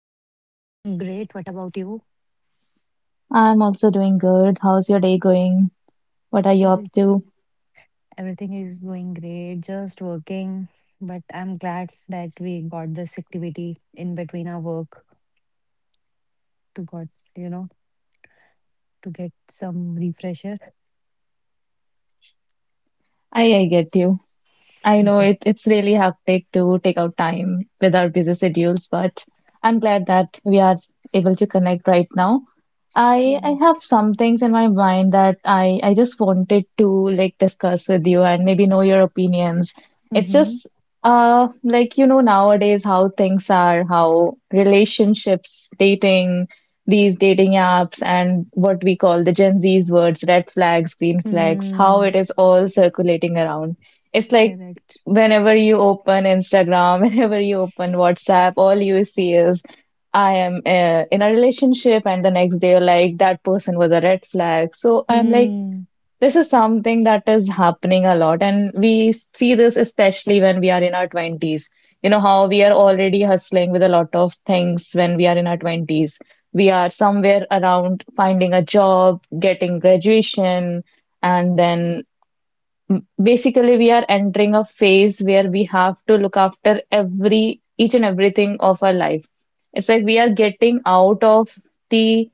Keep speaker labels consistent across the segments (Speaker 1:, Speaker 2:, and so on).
Speaker 1: Sushmita, I'm doing great. What about you?
Speaker 2: I'm also doing good. How's your day going? What are you
Speaker 1: Every-
Speaker 2: up to?
Speaker 1: Everything is going great, just working. But I'm glad that we got this activity in between our work to got, you know, to get some refresher.
Speaker 2: I get you. I know it's really hectic to take out time with our busy schedules, but I'm glad that we are able to connect right now. I have
Speaker 1: Correct.
Speaker 2: some things in my mind that I just wanted to like discuss with you and maybe know your opinions. It's
Speaker 1: Mm-hmm.
Speaker 2: just like you know nowadays how things are, how relationships, dating, these dating apps and what we call the Gen Z's words, red flags, green flags, how
Speaker 1: Mm,
Speaker 2: it is all circulating around. It's like
Speaker 1: correct.
Speaker 2: whenever you open Instagram, whenever you open WhatsApp, all you see is I am in a relationship, and the next day you're like, that person was a red flag. So I'm like,
Speaker 1: Mm,
Speaker 2: this is something that is happening a lot. And we see this especially when we are in our 20s. You know, how we are already hustling with a lot of things when we are in our 20s. We are somewhere around finding a job, getting graduation, and then basically we are entering a phase where we have to look after every each and everything of our life. It's like we are getting out of the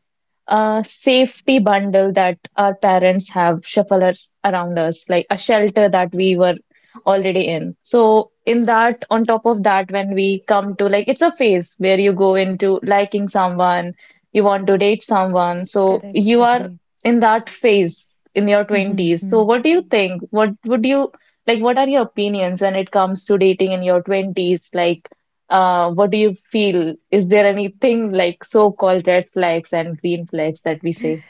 Speaker 2: safety bundle that our parents have shuffled us around us like a shelter that we were already in. So in that, on top of that, when we come to like, it's a phase where you go into liking someone, you want to date someone, so
Speaker 1: correct.
Speaker 2: you are
Speaker 1: Agree.
Speaker 2: in that phase in your
Speaker 1: Mm-hmm.
Speaker 2: 20s. So,
Speaker 1: Mm.
Speaker 2: what do you think? What would you like? What are your opinions when it comes to dating in your 20s? Like, what do you feel? Is there anything like so-called red flags and green flags that we say?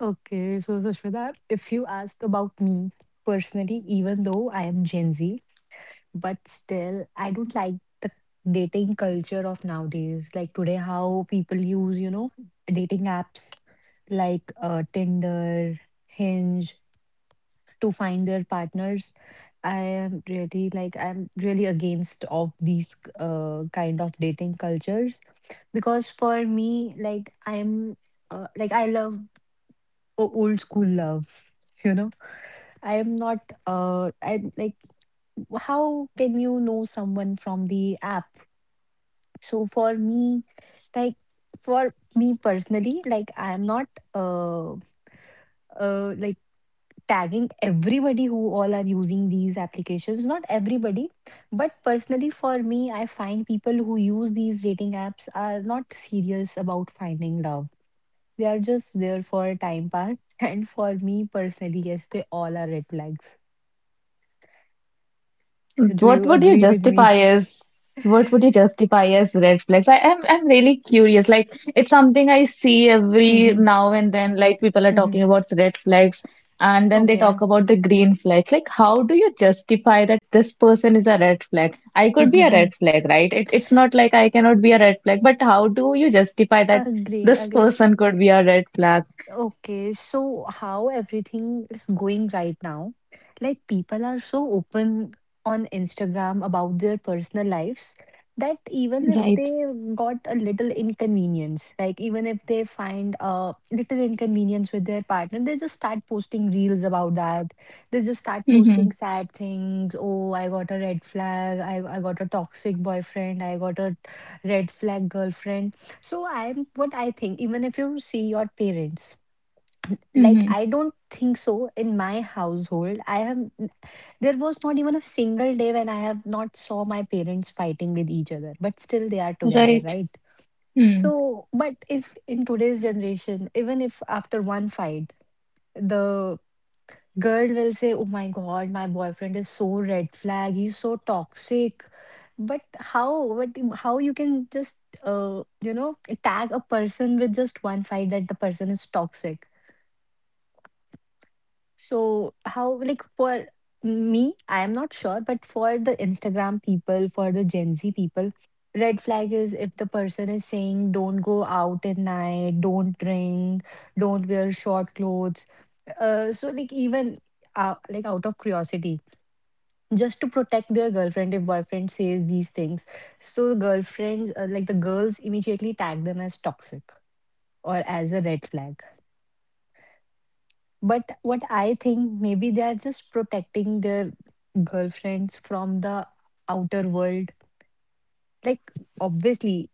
Speaker 1: Okay, so Sushmita, if you ask about me personally, even though I am Gen Z, but still, I don't like dating culture of nowadays. Like today, how people use dating apps like Tinder, Hinge to find their partners. I'm really against of these kind of dating cultures because for me, like I love old school love. You know, I am not. I like. How can you know someone from the app? So for me, like for me personally, like I am not uh like tagging everybody who all are using these applications. Not everybody, but personally for me, I find people who use these dating apps are not serious about finding love. They are just there for time pass. And for me personally, yes, they all are red flags. Do
Speaker 2: What
Speaker 1: you
Speaker 2: would you
Speaker 1: agree with me?
Speaker 2: justify as what would you justify as red flags? I'm really curious. Like it's something I see every
Speaker 1: Hmm.
Speaker 2: now and then. Like people are
Speaker 1: Hmm.
Speaker 2: talking about red flags and then they
Speaker 1: Okay.
Speaker 2: talk about the green flags. Like how do you justify that this person is a red flag? I could be a red flag, right? It's not like I cannot be a red flag, but how do you justify that
Speaker 1: Agree,
Speaker 2: this
Speaker 1: agree.
Speaker 2: person could be a red flag?
Speaker 1: Okay, so how everything is going right now? Like people are so open on Instagram about their personal lives that even if
Speaker 2: Right.
Speaker 1: they got a little inconvenience, like even if they find a little inconvenience with their partner, they just start posting reels about that. They just start posting
Speaker 2: Mm-hmm.
Speaker 1: sad things. Oh, I got a red flag. I got a toxic boyfriend. I got a red flag girlfriend. So I'm what I think, even if you see your parents, like,
Speaker 2: Mm-hmm.
Speaker 1: I don't think so. In my household, I have there was not even a single day when I have not saw my parents fighting with each other, but still they are together,
Speaker 2: Right.
Speaker 1: right?
Speaker 2: Hmm.
Speaker 1: So, but if in today's generation, even if after one fight, the girl will say, Oh my God, my boyfriend is so red flag, he's so toxic. But how you can just, tag a person with just one fight that the person is toxic? So how like for me, I am not sure, but for the Instagram people, for the Gen Z people, red flag is if the person is saying don't go out at night, don't drink, don't wear short clothes. So like even like out of curiosity, just to protect their girlfriend if boyfriend says these things. So girlfriends, like the girls immediately tag them as toxic or as a red flag. But what I think, maybe they are just protecting their girlfriends from the outer world. Like, obviously,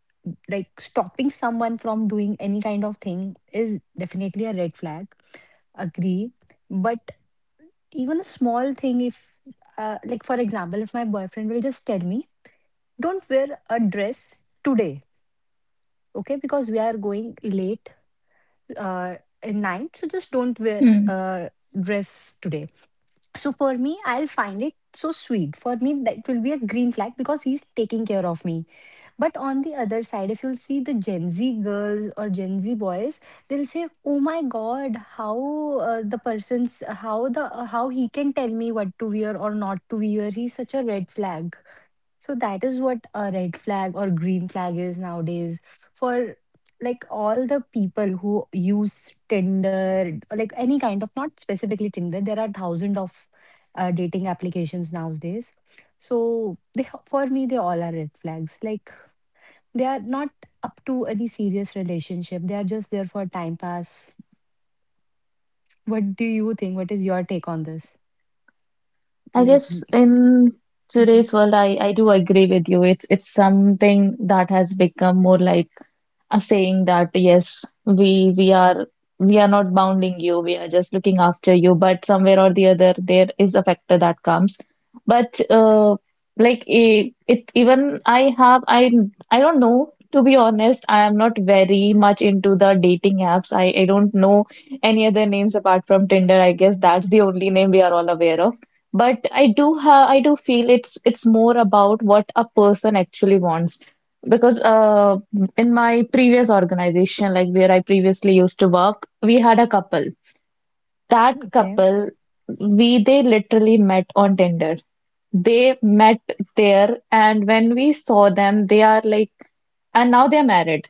Speaker 1: like stopping someone from doing any kind of thing is definitely a red flag. Agree. But even a small thing, if, like, for example, if my boyfriend will just tell me, don't wear a dress today, okay? Because we are going late uh, in night. So just don't wear
Speaker 2: Hmm.
Speaker 1: a dress today. So for me, I'll find it so sweet. For me, that will be a green flag because he's taking care of me. But on the other side, if you'll see the Gen Z girls or Gen Z boys, they'll say, "Oh my God, how the person's how the how he can tell me what to wear or not to wear. He's such a red flag." So that is what a red flag or green flag is nowadays for like all the people who use Tinder, or, like any kind of, not specifically Tinder, there are thousands of dating applications nowadays. So they, for me, they all are red flags. Like they are not up to any serious relationship. They are just there for time pass. What do you think? What is your take on this?
Speaker 2: I
Speaker 1: Like,
Speaker 2: guess
Speaker 1: y-
Speaker 2: in
Speaker 1: Mhm.
Speaker 2: today's world, I do agree with you. It's something that has become more like a saying that yes, we are not bounding you, we are just looking after you. But somewhere or the other, there is a factor that comes. But like it even I have I don't know. To be honest, I am not very much into the dating apps. I don't know any other names apart from Tinder. I guess that's the only name we are all aware of. But I do have, I do feel it's more about what a person actually wants. Because in my previous organization, like where I previously used to work, we had a couple. That
Speaker 1: Okay.
Speaker 2: couple, we they literally met on Tinder. They met there, and when we saw them, they are like, and now they're married.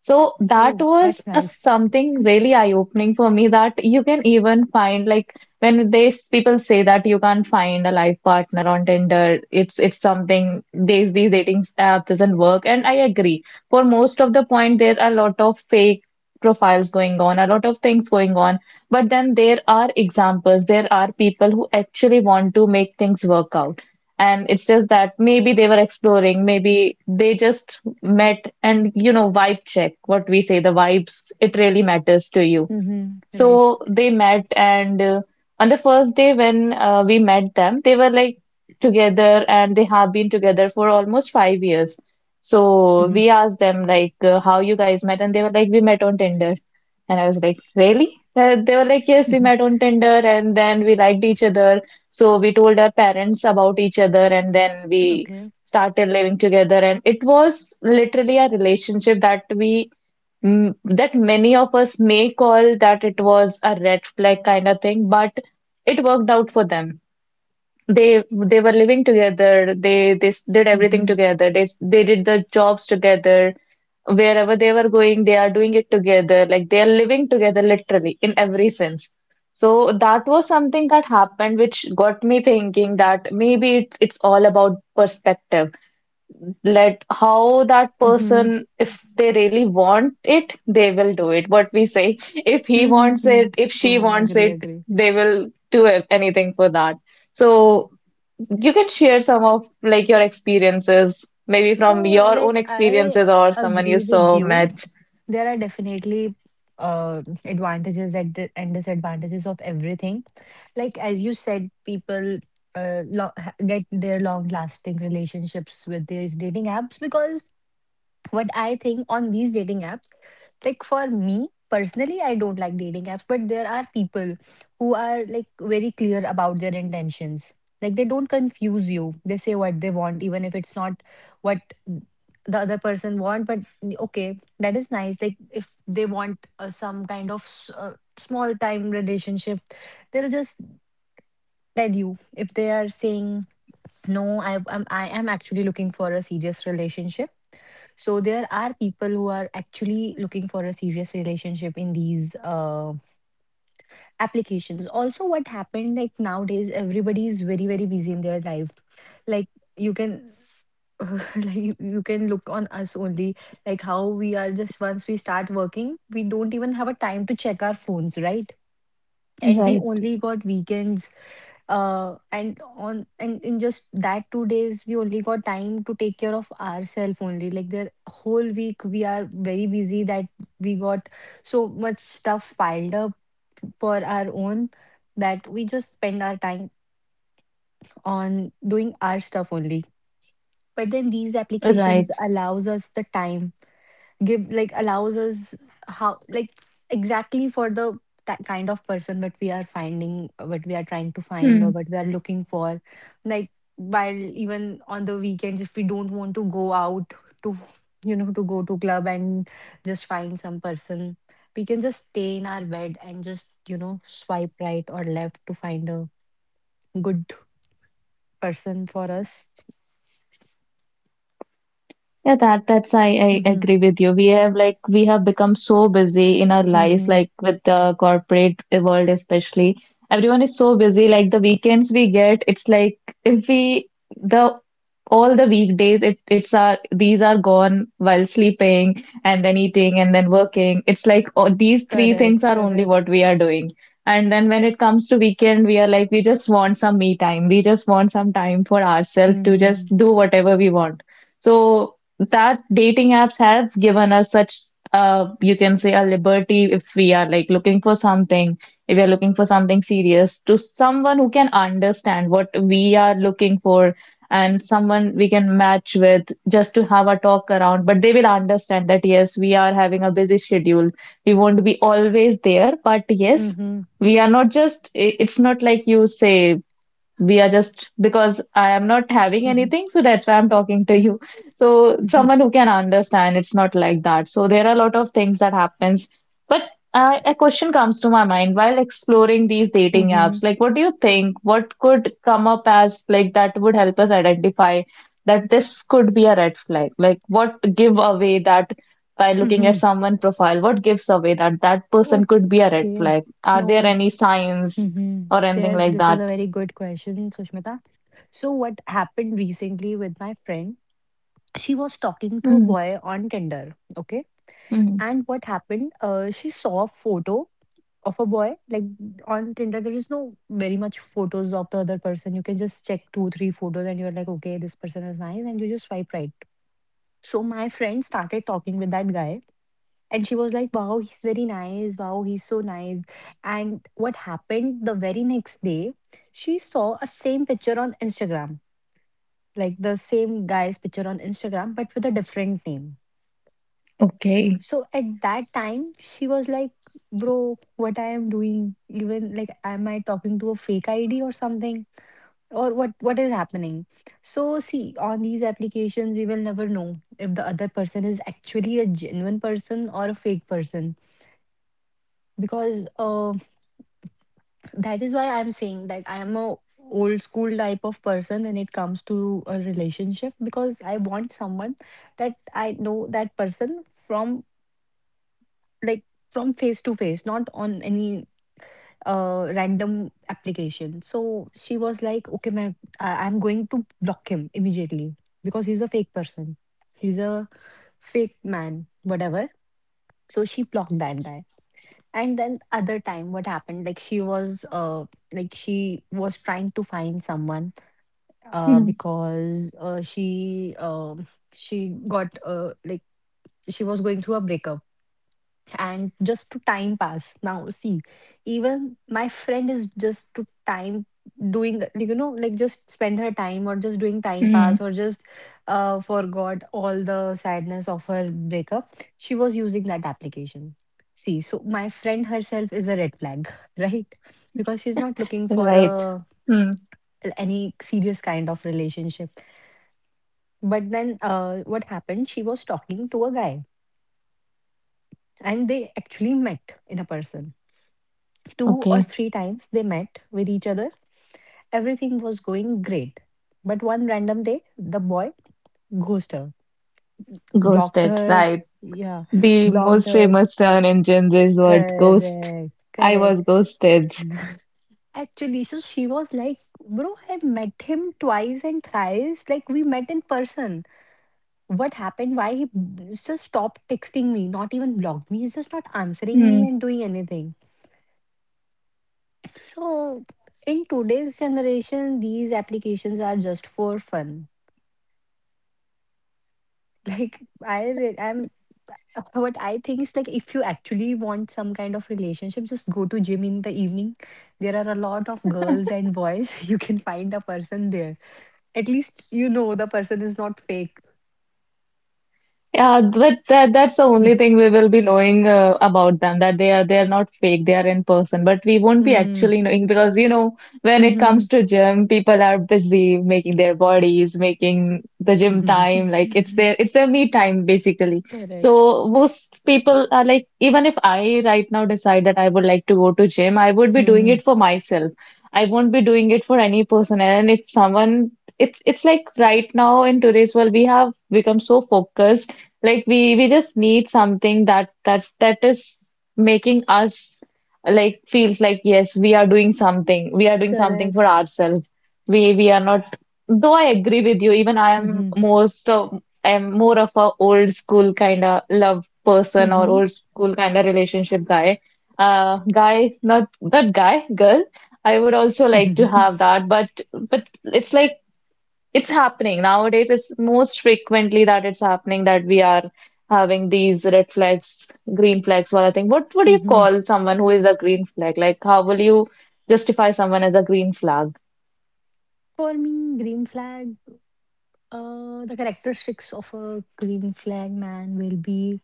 Speaker 2: So that
Speaker 1: Oh,
Speaker 2: was
Speaker 1: that's
Speaker 2: a
Speaker 1: nice.
Speaker 2: something really eye-opening for me that you can even find like when people say that you can't find a life partner on Tinder, it's something these dating app doesn't work. And I agree. For most of the point, there are a lot of fake profiles going on, a lot of things going on. But then there are examples, there are people who actually want to make things work out. And it's just that maybe they were exploring, maybe they just met and, you know, vibe check, what we say, the vibes, it really matters to you.
Speaker 1: Mm-hmm. Right.
Speaker 2: So they met, and on the first day when we met them, they were like together, and they have been together for almost 5 years. So we asked them like how you guys met, and they were like we met on Tinder, and I was like really? They were like yes, we
Speaker 1: Mm-hmm.
Speaker 2: met on Tinder, and then we liked each other. So we told our parents about each other, and then we
Speaker 1: Okay.
Speaker 2: started living together, and it was literally a relationship that that many of us may call that it was a red flag kind of thing, but it worked out for them. They were living together. Did everything
Speaker 1: Mm-hmm.
Speaker 2: together. They did the jobs together. Wherever they were going, they are doing it together. Like they are living together literally in every sense. So that was something that happened, which got me thinking that maybe it's all about perspective. Let how that
Speaker 1: Mm-hmm.
Speaker 2: person, if they really want it, they will do it, what we say, if he wants it,
Speaker 1: Mm-hmm.
Speaker 2: if she
Speaker 1: Don't
Speaker 2: wants
Speaker 1: agree,
Speaker 2: it,
Speaker 1: agree.
Speaker 2: they will do anything for that. So you can share some of like your experiences, maybe from
Speaker 1: So,
Speaker 2: your own
Speaker 1: like, I
Speaker 2: experiences or someone you
Speaker 1: agree with
Speaker 2: saw
Speaker 1: you.
Speaker 2: met.
Speaker 1: There are definitely advantages and disadvantages of everything. Like as you said, people get their long-lasting relationships with these dating apps because what I think on these dating apps, like for me personally, I don't like dating apps, but there are people who are like very clear about their intentions. Like they don't confuse you. They say what they want, even if it's not what the other person want. But okay, that is nice. Like if they want some kind of small time relationship, they'll just tell you. If they are saying no, I am actually looking for a serious relationship, so there are people who are actually looking for a serious relationship in these applications. Also, what happened like nowadays, everybody is very very busy in their life. Like you can. Like you can look on us only, like how we are just once we start working, we don't even have a time to check our phones, right? And we
Speaker 2: Right,
Speaker 1: only got weekends and in just that 2 days, we only got time to take care of ourselves only. Like the whole week, we are very busy that we got so much stuff piled up for our own that we just spend our time on doing our stuff only. But then these applications
Speaker 2: right.
Speaker 1: allows us the time, give like allows us how like exactly for the ta kind of person that we are finding, what we are trying to find or what we are looking for, like while even on the weekends if we don't want to go out to you know to go to club and just find some person, we can just stay in our bed and just swipe right or left to find a good person for us.
Speaker 2: Yeah, that's I
Speaker 1: Mm-hmm.
Speaker 2: agree with you. We have like we have become so busy in our lives,
Speaker 1: Mm-hmm.
Speaker 2: like with the corporate world especially. Everyone is so busy. Like the weekends we get, it's like if we the all the weekdays it's our these are gone while sleeping and then eating and then working. It's like oh, these three things
Speaker 1: Correct,
Speaker 2: are only
Speaker 1: correct.
Speaker 2: what we are doing. And then when it comes to weekend, we are like we just want some me time. We just want some time for ourselves to just
Speaker 1: Mm-hmm.
Speaker 2: do whatever we want. So that dating apps have given us such you can say a liberty. If we are like looking for something, if we are looking for something serious, to someone who can understand what we are looking for, and someone we can match with just to have a talk around, but they will understand that yes, we are having a busy schedule, we won't be always there, but yes,
Speaker 1: Mm-hmm.
Speaker 2: we are not just I- it's not like you say we are just because I am not having
Speaker 1: Mm-hmm.
Speaker 2: anything, so that's why I'm talking to you. So
Speaker 1: Mm-hmm.
Speaker 2: someone who can understand, it's not like that. So there are a lot of things that happens. But a question comes to my mind while exploring these dating apps.
Speaker 1: Mhm.
Speaker 2: Like, what do you think? What could come up as like that would help us identify that this could be a red flag? Like, what give away that by looking at
Speaker 1: Mhm.
Speaker 2: someone profile? What gives away that that person could be a red
Speaker 1: Okay.
Speaker 2: flag? Are there
Speaker 1: No.
Speaker 2: any signs
Speaker 1: Mhm.
Speaker 2: or anything like
Speaker 1: This is
Speaker 2: that?
Speaker 1: a very good question, Sushmita. So, what happened recently with my friend? She was talking to a boy on Tinder. Okay.
Speaker 2: Mm.
Speaker 1: And what happened? She saw a photo of a boy. Like on Tinder, there is no very much photos of the other person. You can just check two, three photos, and you're like, okay, this person is nice, and you just swipe right. So my friend started talking with that guy. And she was like, wow, he's very nice. Wow, he's so nice. And what happened the very next day, she saw a same picture on Instagram, like the same guy's picture on Instagram, but with a different name.
Speaker 2: Okay.
Speaker 1: So at that time, she was like, bro, what I am doing, even like, am I talking to a fake ID or something? Or what is happening? So see, on these applications, we will never know if the other person is actually a genuine person or a fake person, because that is why I'm saying that I am a old school type of person when it comes to a relationship because I want someone that I know that person from like from face to face, not on any random application. So she was like, okay, man, I'm going to block him immediately because he's a fake person. He's a fake man, whatever. So she blocked that guy. And then other time, what happened? She was trying to find someone. Oh.
Speaker 2: Mm.
Speaker 1: Because she got, like she was going through a breakup, and just to time pass. Now see, even my friend is just to time doing, like, just spend her time or just doing time
Speaker 2: Mm.
Speaker 1: pass or just forgot all the sadness of her breakup, she was using that application. See, so my friend herself is a red flag, right? Because she's not looking for
Speaker 2: Right.
Speaker 1: a
Speaker 2: Mm.
Speaker 1: any serious kind of relationship. But then what happened, she was talking to a guy, and they actually met in a person two or
Speaker 2: Okay.
Speaker 1: three times They met with each other. Everything was going great. But one random day, the boy ghosted her, blocked
Speaker 2: Ghosted.
Speaker 1: her.
Speaker 2: Right.
Speaker 1: Yeah,
Speaker 2: The
Speaker 1: blocked
Speaker 2: most
Speaker 1: her.
Speaker 2: famous term in Gen Z is word ghost.
Speaker 1: Correct,
Speaker 2: I
Speaker 1: correct.
Speaker 2: was ghosted.
Speaker 1: Actually, so she was like, bro, I met him twice and thrice. Like, we met in person. What happened? Why he just stopped texting me, not even blocked me? He's just not answering me and doing anything. So, in today's generation, these applications are just for fun. I'm what I think is, like, if you actually want some kind of relationship, just go to gym in the evening. There are a lot of girls and boys. You can find a person there. At least you know the person is not fake.
Speaker 2: Yeah, but that that's the only thing we will be knowing about them, that they are not fake, they are in person. But we won't be
Speaker 1: Hmm.
Speaker 2: actually knowing, because you know when it
Speaker 1: Hmm.
Speaker 2: comes to gym, people are busy making their bodies, making the gym
Speaker 1: Hmm.
Speaker 2: time like it's their me time basically.
Speaker 1: Correct.
Speaker 2: So most people are like even if I right now decide that I would like to go to gym, I would be doing
Speaker 1: Hmm.
Speaker 2: it for myself. I won't be doing it for any person. And if someone it's like right now in today's world we have become so focused, like we just need something that that is making us like feels like yes, we are doing something. We are doing something for
Speaker 1: Correct.
Speaker 2: ourselves. We are not. Though I agree with you, even
Speaker 1: Hmm.
Speaker 2: I'm more of a old school kind of love person or
Speaker 1: Hmm.
Speaker 2: old school kind of relationship guy. Guy, not guy, girl. I would also like to have that, but it's like it's happening nowadays. It's most frequently that it's happening that we are having these red flags, green flags, what I think. What would you
Speaker 1: Hmm.
Speaker 2: call someone who is a green flag? Like, how will you justify someone as a green flag?
Speaker 1: For me, green flag. The characteristics of a green flag man will be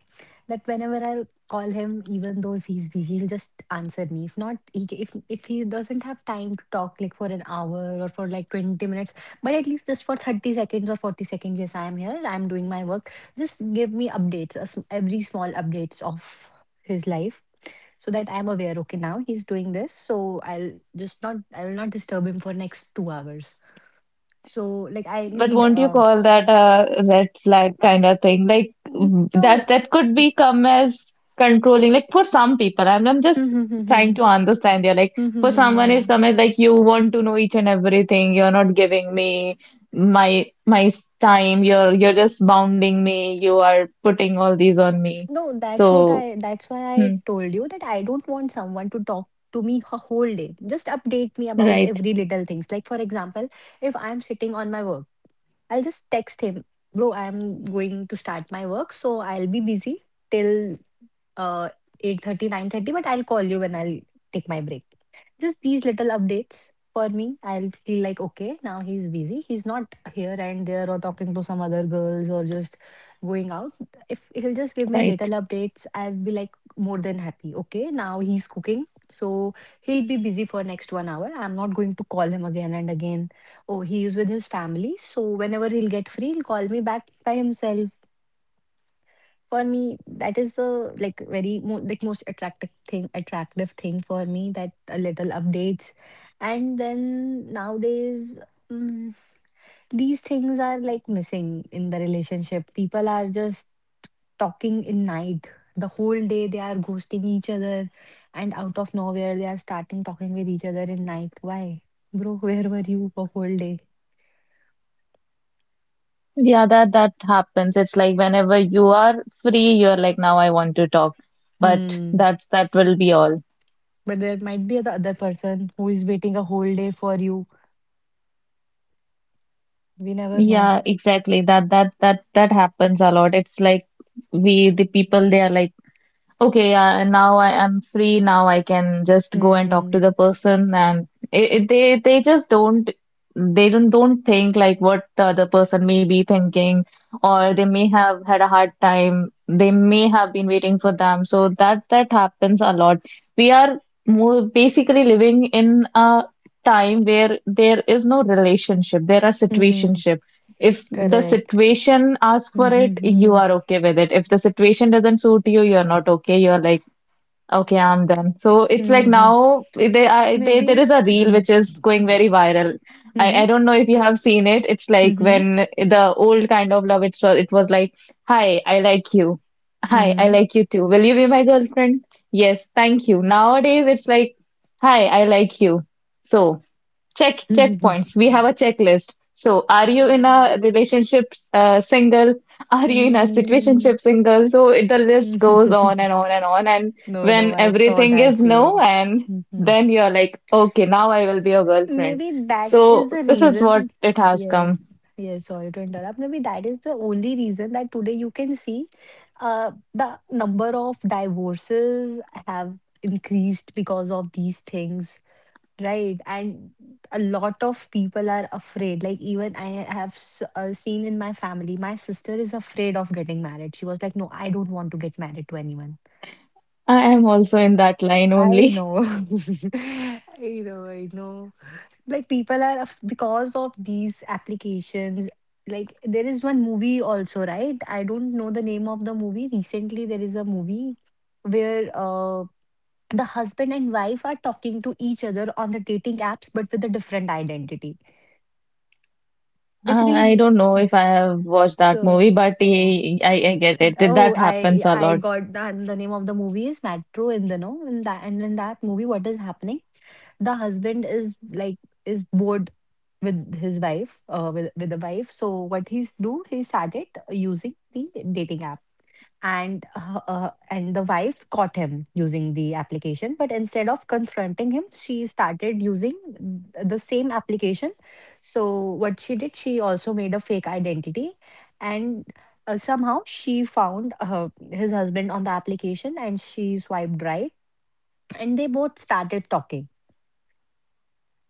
Speaker 1: that whenever I'll call him, even though if he's busy, he'll just answer me. If not, if he doesn't have time to talk like for an hour or for like 20 minutes, but at least just for 30 seconds or 40 seconds, yes, I am here, I'm doing my work. Just give me updates, every small updates of his life so that I'm aware, okay, now he's doing this, so I will not disturb him for next 2 hours. So like I
Speaker 2: But
Speaker 1: need
Speaker 2: won't you call that a red flag kind of thing? Like mm,
Speaker 1: No,
Speaker 2: that that could become as controlling. Like for some people, I'm just trying
Speaker 1: mm-hmm.
Speaker 2: to understand here. Like for
Speaker 1: Mm-hmm. No,
Speaker 2: someone is
Speaker 1: no,
Speaker 2: come as like you want to know each and everything. You're not giving me time. You're just bounding me. You are putting all these on me.
Speaker 1: no,
Speaker 2: So
Speaker 1: that's why I
Speaker 2: hmm,
Speaker 1: told you that I don't want someone to talk to me a whole day. Just update me about
Speaker 2: right,
Speaker 1: every little things. Like, for example, if I'm sitting on my work. I'll just text him, bro, I'm going to start my work, so I'll be busy till uh 8:30, 9:30. But I'll call you when I'll take my break. Just these little updates for me. I'll feel like, okay, now he's busy. He's not here and there or talking to some other girls or just going out. If he'll just give me a little
Speaker 2: right.
Speaker 1: updates, I'll be like more than happy. Okay, now he's cooking. So he'll be busy for next 1 hour. I'm not going to call him again and again. Oh, he is with his family. So whenever he'll get free, he'll call me back by himself. For me, that is the like like most attractive thing for me. That a little updates, and then nowadays, mm, these things are like missing in the relationship. People are just talking in night, the whole day they are ghosting each other, and out of nowhere they are starting talking with each other in night. Why, bro? Where were you the whole day?
Speaker 2: Yeah, that that happens. It's like whenever you are free, you're like, now I want to talk. But
Speaker 1: Hmm.
Speaker 2: that's that will be all.
Speaker 1: But there might be the other person who is waiting a whole day for you. We never know.
Speaker 2: Yeah, exactly. That that happens a lot. It's like we the people they are like, okay, now I am free. Now I can just go and talk to
Speaker 1: Hmm.
Speaker 2: the person, and they just don't they don't think like what the other person may be thinking, or they may have had a hard time. They may have been waiting for them. So that happens a lot. We are more basically living in a time where there is no relationship. There are
Speaker 1: Hmm.
Speaker 2: situationships. If the
Speaker 1: Correct.
Speaker 2: situation asks
Speaker 1: Hmm.
Speaker 2: for
Speaker 1: Hmm.
Speaker 2: it, you
Speaker 1: Hmm.
Speaker 2: are okay with it. If the situation doesn't suit you, you're not okay. You're like, okay, I'm done. So it's like
Speaker 1: Hmm. Hmm.
Speaker 2: now there
Speaker 1: Maybe.
Speaker 2: is a reel
Speaker 1: Hmm.
Speaker 2: which is going
Speaker 1: Hmm.
Speaker 2: very viral. I,
Speaker 1: Hmm.
Speaker 2: I don't know if you have seen it. It's like
Speaker 1: Hmm.
Speaker 2: when the old kind of love, it was like, hi, I like you. Hi, I
Speaker 1: Hmm.
Speaker 2: like you too. Will you be my girlfriend? Yes, thank you. Nowadays, it's like, hi, I like you. So. Checkpoints. We have a checklist. So, are you in
Speaker 1: Uh,
Speaker 2: a relationship single? Are you in a
Speaker 1: hmm.
Speaker 2: situationship single? So the list goes on and on and on. And
Speaker 1: No, no,
Speaker 2: when
Speaker 1: I saw
Speaker 2: everything is
Speaker 1: that reel.
Speaker 2: no, and then you're like, okay, now I will be a girlfriend.
Speaker 1: Maybe that
Speaker 2: So
Speaker 1: is the
Speaker 2: this is what
Speaker 1: reason.
Speaker 2: it has
Speaker 1: Yes,
Speaker 2: come.
Speaker 1: yes, sorry to interrupt. Maybe that is the only reason that today you can see the number of divorces have increased because of these things, right? And a lot of people are afraid. Like, even I have seen in my family, my sister is afraid of getting married. She was like, no, I don't want to get married to anyone.
Speaker 2: I am also in that line
Speaker 1: I
Speaker 2: only.
Speaker 1: know. I know, I know. Like people are because of these applications, like there is one movie also, right? I don't know the name of the movie. Recently there is a movie where the husband and wife are talking to each other on the dating apps but with a different identity,
Speaker 2: I
Speaker 1: basically.
Speaker 2: don't know if I have watched that movie,
Speaker 1: so
Speaker 2: but
Speaker 1: uh,
Speaker 2: I get it.
Speaker 1: Oh,
Speaker 2: That happens a
Speaker 1: I
Speaker 2: lot.
Speaker 1: got that. The name of the movie is Metro in the... no, in that, and in that movie, what is happening? The husband is like is bored with his wife, with with the wife. So he started using the dating app, and the wife caught him using the application, but instead of confronting him she started using the same application. So what she did, she also made a fake identity, and somehow she found his husband on the application and she swiped right, and they both started talking.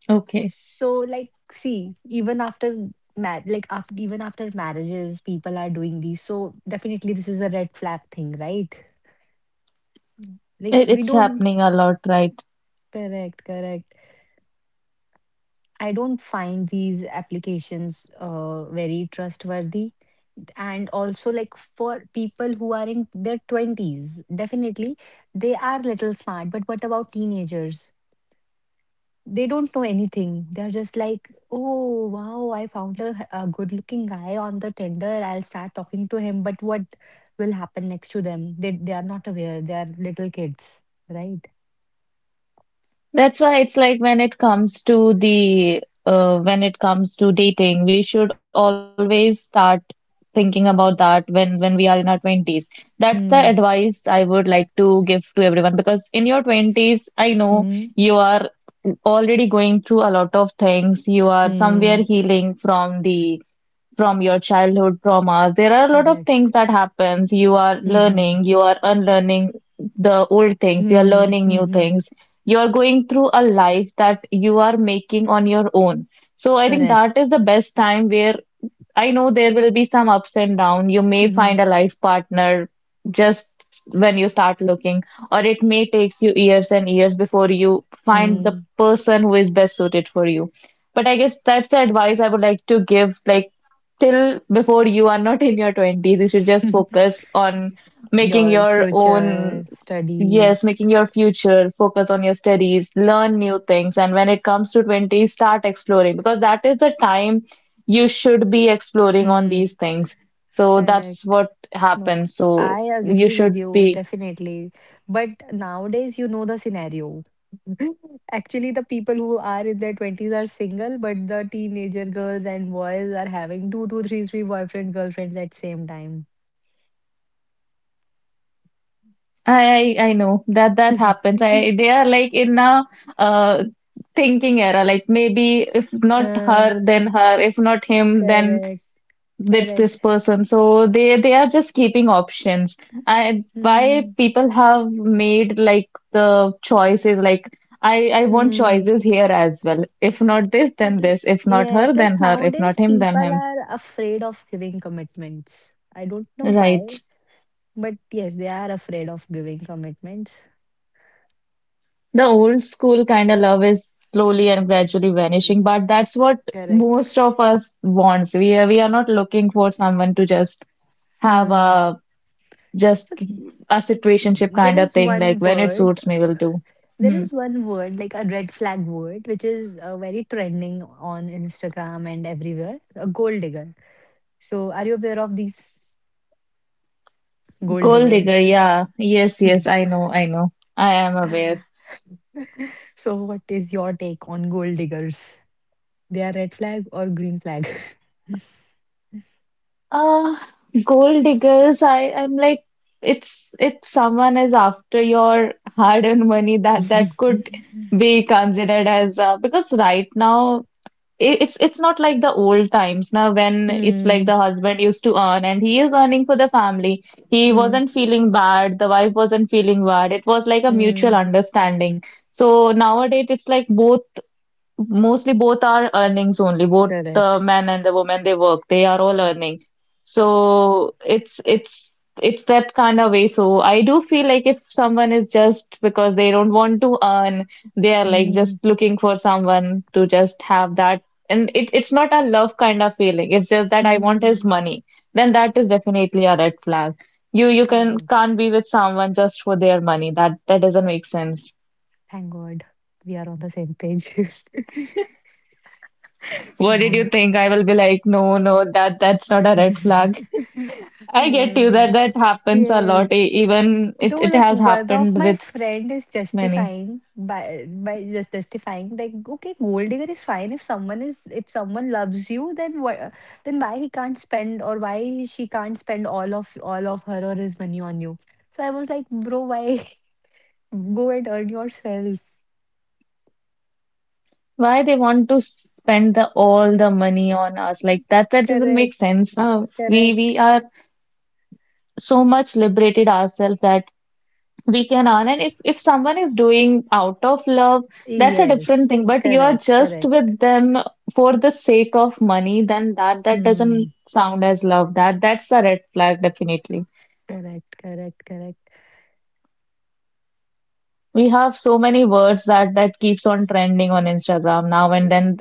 Speaker 2: Okay.
Speaker 1: So like, see, like after even after marriages people are doing these, so definitely this is a red flag thing, right? Like
Speaker 2: It,
Speaker 1: we
Speaker 2: it's
Speaker 1: don't...
Speaker 2: happening a lot, right.
Speaker 1: correct, correct. I don't find these applications very trustworthy. And also like for people who are in their 20s, definitely they are little smart. But what about teenagers? They don't know anything. They're just like, oh wow, I found a good looking guy on the Tinder. I'll start talking to him. But what will happen next to them? They are not aware. They are little kids, right?
Speaker 2: That's why it's like when it comes to the when it comes to dating, we should always start thinking about that when we are in our 20s. That's the
Speaker 1: Mm,
Speaker 2: advice I would like to give to everyone because in your 20s, I know
Speaker 1: mm,
Speaker 2: you are already going through a lot of things. You are somewhere
Speaker 1: mm.
Speaker 2: healing from the from your childhood traumas. There are a lot of
Speaker 1: Correct.
Speaker 2: things that happens. You are
Speaker 1: Mhm.
Speaker 2: learning, you are unlearning the old things, you are
Speaker 1: Hmm.
Speaker 2: learning new
Speaker 1: Mhm.
Speaker 2: things. You are going through a life that you are making on your own, so I think
Speaker 1: Correct.
Speaker 2: that is the best time where I know there will be some ups and down. You may
Speaker 1: Mhm.
Speaker 2: find a life partner just when you start looking, or it may take you years and years before you find the
Speaker 1: Mm.
Speaker 2: person who is best suited for you. But I guess that's the advice I would like to give. Like, till before you are not in your 20s, you should just focus on making
Speaker 1: Your
Speaker 2: your
Speaker 1: future
Speaker 2: own, yes,
Speaker 1: studies.
Speaker 2: making your future, focus on your studies, learn new things. And when it comes to 20s, start exploring because that is the time you should be exploring on
Speaker 1: Hmm.
Speaker 2: these things. So that's
Speaker 1: Correct.
Speaker 2: what
Speaker 1: No,
Speaker 2: happens. So
Speaker 1: I
Speaker 2: you
Speaker 1: agree with
Speaker 2: should
Speaker 1: you
Speaker 2: be.
Speaker 1: definitely. But nowadays, you know the scenario. Actually, the people who are in their 20s are single, but the teenager girls and boys are having two, two, three, three boyfriend, girlfriends at same time.
Speaker 2: I know that happens. I They are like in a uh thinking era. Like maybe if not
Speaker 1: Uh,
Speaker 2: her, then her. If not him, then
Speaker 1: correct.
Speaker 2: that
Speaker 1: Correct.
Speaker 2: this person. So they are just keeping options. I Why
Speaker 1: Hmm.
Speaker 2: people have made like the choices like. I want
Speaker 1: Hmm.
Speaker 2: choices here as well. If not this, then
Speaker 1: L-
Speaker 2: this. If not her,
Speaker 1: yes,
Speaker 2: then
Speaker 1: like
Speaker 2: her. If
Speaker 1: nowadays
Speaker 2: not him, then
Speaker 1: people
Speaker 2: him.
Speaker 1: are afraid of giving commitments. I don't know why,
Speaker 2: Right.
Speaker 1: but yes, they are afraid of giving commitments.
Speaker 2: The old school kind of love is slowly and gradually
Speaker 1: Mm,
Speaker 2: vanishing, but that's what
Speaker 1: correct.
Speaker 2: most of us wants. We are not looking for someone to just have
Speaker 1: Hmm.
Speaker 2: a just
Speaker 1: So
Speaker 2: a situationship
Speaker 1: there
Speaker 2: kind of
Speaker 1: is
Speaker 2: thing,
Speaker 1: one
Speaker 2: like when it
Speaker 1: word,
Speaker 2: suits me, will do. Hmm.
Speaker 1: like a red flag word, which is very trending on Instagram and everywhere, a gold digger. So are you aware of these gold
Speaker 2: Gold
Speaker 1: diggers?
Speaker 2: digger, yeah. Yes, yes, I know, I know. I am aware.
Speaker 1: So what is your take on gold diggers? They are red flag or green flag?
Speaker 2: Uh, gold diggers, I'm like, it's if someone is after your hard-earned money, that could be considered as, because right now it's not like the old times now, when it's like
Speaker 1: Mm,
Speaker 2: the husband used to earn and he is earning for the family. He
Speaker 1: mm,
Speaker 2: wasn't feeling bad, the wife wasn't feeling bad. It was like a mutual
Speaker 1: mm.
Speaker 2: understanding. So nowadays it's like both mostly both are earnings only, both the
Speaker 1: Correct.
Speaker 2: man and the woman, they work, they are all earning. So it's that kind of way. So I do feel like if someone is just because they don't want to earn, they are like
Speaker 1: Mm,
Speaker 2: just looking for someone to just have that, and it, it's not a love kind of feeling, it's just that I want his
Speaker 1: mm.
Speaker 2: money, then that is definitely a red flag. You can
Speaker 1: Correct.
Speaker 2: can't be with someone just for their money. That doesn't make sense.
Speaker 1: Thank God. We are on the same page.
Speaker 2: What did
Speaker 1: No.
Speaker 2: you think? I will be like, no, no, that's not a red flag. I
Speaker 1: No,
Speaker 2: get you,
Speaker 1: no.
Speaker 2: that happens a
Speaker 1: Yes.
Speaker 2: lot. Even it
Speaker 1: Though
Speaker 2: it
Speaker 1: like
Speaker 2: has
Speaker 1: one of
Speaker 2: happened
Speaker 1: my
Speaker 2: with
Speaker 1: friend is
Speaker 2: many.
Speaker 1: justifying by justifying like, okay, gold digger is fine if someone is... if someone loves you, then what, then why he can't spend or why she can't spend all of her or his money on you. So I was like, bro, why? Go and earn yourself.
Speaker 2: Why they want to spend the all the money on us? Like that doesn't make
Speaker 1: Correct.
Speaker 2: sense. Uh, we
Speaker 1: Correct.
Speaker 2: we are so much liberated ourselves that we can earn. And if someone is doing out of love, that's a different
Speaker 1: Yes.
Speaker 2: thing. But you are
Speaker 1: Correct.
Speaker 2: just
Speaker 1: Correct.
Speaker 2: with them for the sake of money, then that
Speaker 1: Hmm.
Speaker 2: doesn't sound as love. That's a red flag, definitely.
Speaker 1: Correct. Correct. Correct.
Speaker 2: We have so many words that keeps on trending on Instagram now and then.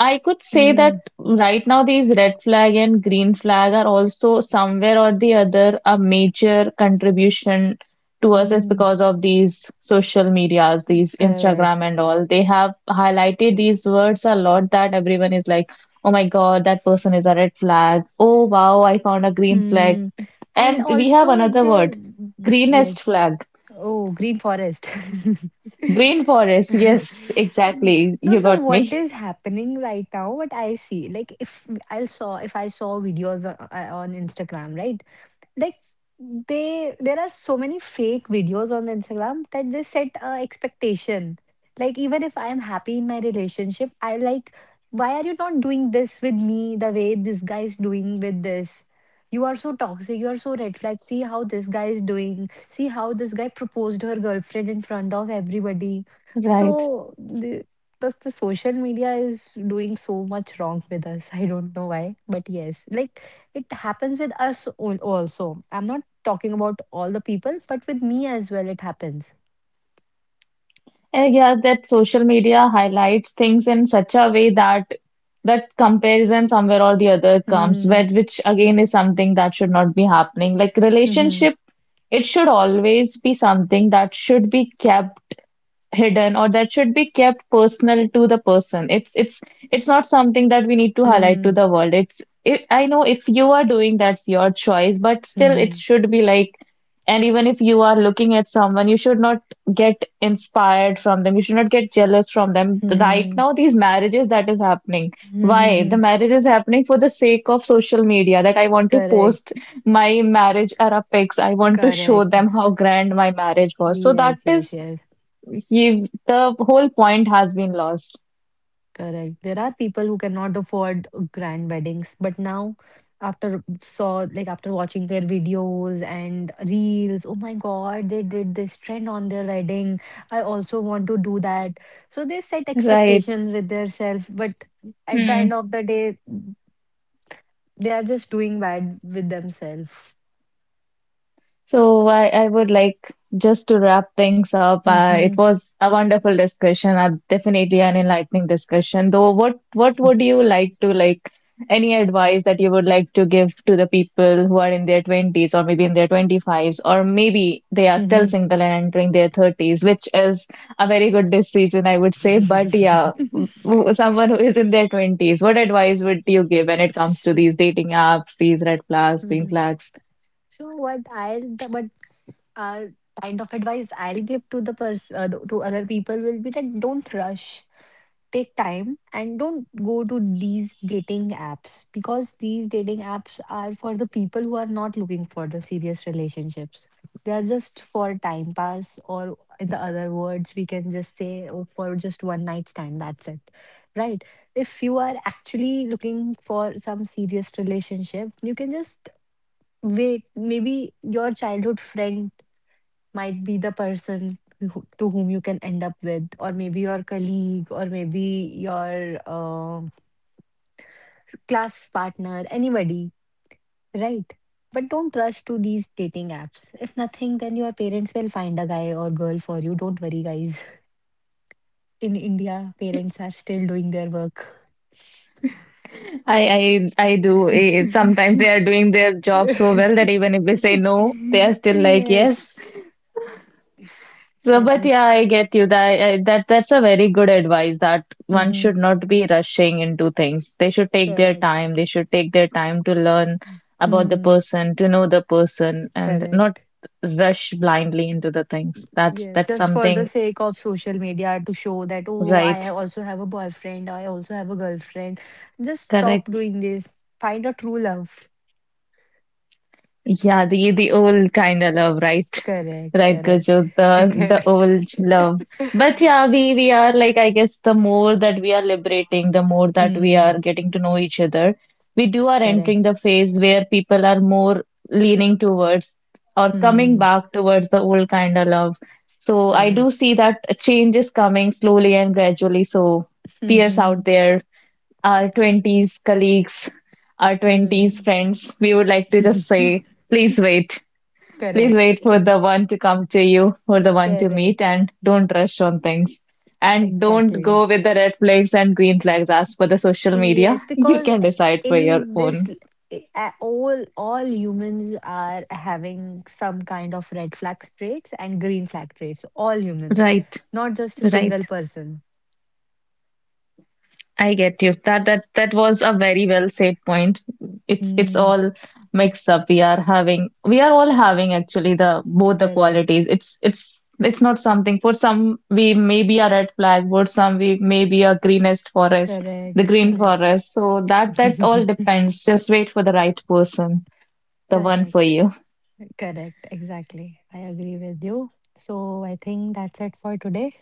Speaker 2: I could say
Speaker 1: Hmm.
Speaker 2: that right now these red flag and green flag are also somewhere or the other a major contribution to us is
Speaker 1: Hmm.
Speaker 2: because of these social medias, these Instagram
Speaker 1: Correct.
Speaker 2: and all. They have highlighted these words a lot that everyone is like, oh my God, that person is a red flag. Oh wow, I found a green flag.
Speaker 1: Mm, and
Speaker 2: And we have
Speaker 1: also
Speaker 2: another word,
Speaker 1: the...
Speaker 2: greenest
Speaker 1: yes.
Speaker 2: flag.
Speaker 1: Oh, Green Forest.
Speaker 2: Green forest, yes,
Speaker 1: Mm.
Speaker 2: exactly.
Speaker 1: No,
Speaker 2: You
Speaker 1: so
Speaker 2: got
Speaker 1: what
Speaker 2: me.
Speaker 1: is happening right now? What I see, like if I saw videos on Instagram, right? Like, they, there are so many fake videos on Instagram that they set expectation, like even if I am happy in my relationship, I like, why are you not doing this with me the way this guy is doing with this, you are so toxic, you are so red flag, see how this guy is doing, see how this guy proposed her girlfriend in front of everybody.
Speaker 2: Right.
Speaker 1: So thus the social media is doing so much wrong with us. I don't know why, but yes, like it happens with us also. I'm not talking about all the people, but with me as well, it happens.
Speaker 2: And yeah, that social media highlights things in such a way that comparison somewhere or the other comes,
Speaker 1: Hmm.
Speaker 2: which again is something that should not be happening. Like
Speaker 1: Hmm.
Speaker 2: relationship, it should always be something that should be kept hidden or that should be kept personal to the person. It's not something that we need to highlight to
Speaker 1: Hmm.
Speaker 2: the world. It's I know if you are doing that's your choice, but
Speaker 1: Hmm.
Speaker 2: still it
Speaker 1: Hmm.
Speaker 2: should be like. And even if you are looking at someone, you should not get inspired from them. You should not get jealous from them. Right
Speaker 1: Hmm.
Speaker 2: now, these marriages that is happening.
Speaker 1: Hmm. Hmm.
Speaker 2: Why? The
Speaker 1: Hmm.
Speaker 2: marriage is happening for the sake of social media that I want to
Speaker 1: Correct.
Speaker 2: post my marriage era pics. I want to show
Speaker 1: Correct.
Speaker 2: them how grand my marriage was. So that
Speaker 1: Yes. Yes.
Speaker 2: is
Speaker 1: Yes.
Speaker 2: you, the whole point has been lost.
Speaker 1: Correct. There are people who cannot afford grand weddings, but now after saw like after watching their videos and reels, oh my God, they did this trend on their wedding. I also want to do that. So they set
Speaker 2: Right.
Speaker 1: expectations with themselves, but at the end of the day, they are just doing bad with themselves.
Speaker 2: So I would like just to wrap things up. It
Speaker 1: Mm-hmm.
Speaker 2: was a wonderful discussion, definitely an enlightening discussion. Though, what would you like to, like, any advice that you would like to give to the people who are in their 20s or maybe in their 25s or maybe they are still
Speaker 1: Mm-hmm.
Speaker 2: single and entering their 30s, which is a very good decision, I would say. But yeah, someone who is in their 20s, what advice would you give when it comes to these dating apps, these red flags, green
Speaker 1: Mhm.
Speaker 2: flags?
Speaker 1: So what uh, kind of advice I'll give to the person, to other people will be that don't rush, take time, and don't go to these dating apps because these dating apps are for the people who are not looking for the serious relationships. They are just for time pass, or in the other words, we can just say, oh, for just one night stand. That's it, right? If you are actually looking for some serious relationship, you can just wait. Maybe your childhood friend might be the person who, to whom you can end up with, or maybe your colleague, or maybe your class partner, anybody, right? But don't rush to these dating apps. If nothing, then your parents will find a guy or girl for you. Don't worry, guys. In India, parents are still doing their work.
Speaker 2: I do. Sometimes they are doing their job so well that even if we say no, they are still like yes.
Speaker 1: Yes,
Speaker 2: So, but yeah,
Speaker 1: correct.
Speaker 2: I get you. That I, that that's a very good advice that one should
Speaker 1: Hmm.
Speaker 2: not be rushing into things. They should take their
Speaker 1: Correct.
Speaker 2: time. They should take their time to learn about the
Speaker 1: Hmm.
Speaker 2: person, to know the person, and not
Speaker 1: Correct.
Speaker 2: rush blindly into the things. That's
Speaker 1: Yes,
Speaker 2: that's
Speaker 1: just for the
Speaker 2: something,
Speaker 1: sake of social media to show that, oh, I
Speaker 2: right.
Speaker 1: also have a boyfriend, I also have a girlfriend. Just stop
Speaker 2: Correct.
Speaker 1: doing this. Find a true love.
Speaker 2: Yeah, the old kind of love, right?
Speaker 1: Correct,
Speaker 2: Right, Gurjot, the
Speaker 1: correct.
Speaker 2: old love. But yeah, we are like, I guess, the more that we are liberating, the more that we
Speaker 1: Mm,
Speaker 2: are getting to know each other, we do are entering
Speaker 1: correct.
Speaker 2: the phase where people are more leaning towards or coming
Speaker 1: Mm,
Speaker 2: back towards the old kind of love. So I do
Speaker 1: correct.
Speaker 2: see that a change is coming slowly and gradually. So peers
Speaker 1: Mm-hmm.
Speaker 2: out there, our 20s colleagues, our 20s
Speaker 1: Mm.
Speaker 2: friends, we would like to just say, please wait. Please
Speaker 1: Correct.
Speaker 2: wait for the one to come to you, for the one to
Speaker 1: Correct.
Speaker 2: meet, and don't rush on things. And don't go
Speaker 1: Exactly.
Speaker 2: with the red flags and green flags as for the social media.
Speaker 1: Yes,
Speaker 2: You
Speaker 1: because
Speaker 2: can decide for your
Speaker 1: in this,
Speaker 2: own.
Speaker 1: l- all humans are having some kind of red flag traits and green flag traits. All human,
Speaker 2: Right,
Speaker 1: not just a single
Speaker 2: right.
Speaker 1: person.
Speaker 2: I get you. That was a very well said point. It's
Speaker 1: Mm,
Speaker 2: all mixed up. We are all having actually the both the
Speaker 1: correct,
Speaker 2: qualities. It's not something, for some we may be a red flag, for some we may be a greenest forest, the green
Speaker 1: correct,
Speaker 2: forest. So that all depends. Just wait for the right person, the one for
Speaker 1: correct,
Speaker 2: you.
Speaker 1: correct. Exactly, I agree with you. So I think that's it for today.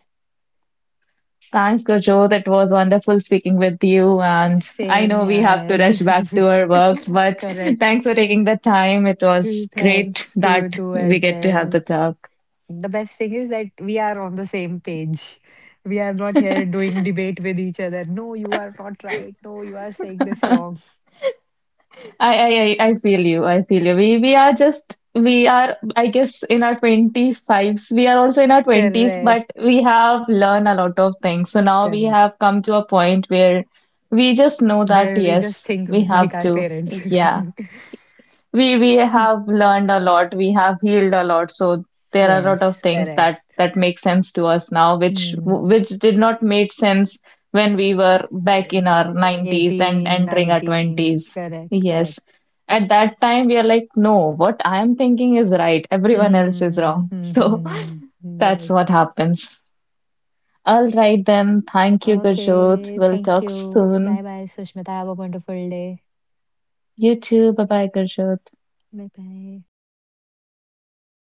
Speaker 2: Thanks, Gurjot. It was wonderful speaking with you. And I
Speaker 1: Same
Speaker 2: know we have to
Speaker 1: here.
Speaker 2: rush back to our works, but
Speaker 1: Correct.
Speaker 2: thanks for taking the time. It was great
Speaker 1: Thanks to you
Speaker 2: that
Speaker 1: too
Speaker 2: we
Speaker 1: as
Speaker 2: get to have
Speaker 1: well.
Speaker 2: the talk.
Speaker 1: The best thing is that we are on the same page. We are not here doing debate with each other. No, you are not right. No, you are saying this wrong.
Speaker 2: I feel you. I feel you. We are, I guess, in our 25s. We are also in our 20s,
Speaker 1: Correct.
Speaker 2: but we have learned a lot of things. So now we
Speaker 1: Correct.
Speaker 2: have come to a point where we just know that,
Speaker 1: Where we just
Speaker 2: yes,
Speaker 1: think
Speaker 2: we
Speaker 1: like
Speaker 2: have
Speaker 1: our
Speaker 2: to.
Speaker 1: parents.
Speaker 2: Yeah. We have learned a lot, we have healed a lot. So there are a lot of
Speaker 1: Yes,
Speaker 2: things
Speaker 1: correct.
Speaker 2: that make sense to us now, which
Speaker 1: Hmm.
Speaker 2: which did not make sense when we were back
Speaker 1: Uh,
Speaker 2: in our 90s and
Speaker 1: 18,
Speaker 2: entering our
Speaker 1: 19.
Speaker 2: 20s.
Speaker 1: Correct, correct.
Speaker 2: Yes, at that time we are like, no, what I am thinking is right, everyone else is
Speaker 1: Hmm.
Speaker 2: wrong.
Speaker 1: Hmm,
Speaker 2: So
Speaker 1: hmm, hmm.
Speaker 2: that's what
Speaker 1: Yes.
Speaker 2: happens. All right then, thank you, Gurjot,
Speaker 1: Okay,
Speaker 2: we'll
Speaker 1: thank
Speaker 2: talk
Speaker 1: you. Bye
Speaker 2: soon.
Speaker 1: bye, Sushmita. Have a wonderful day.
Speaker 2: You too, bye bye, Gurjot.
Speaker 1: Bye bye.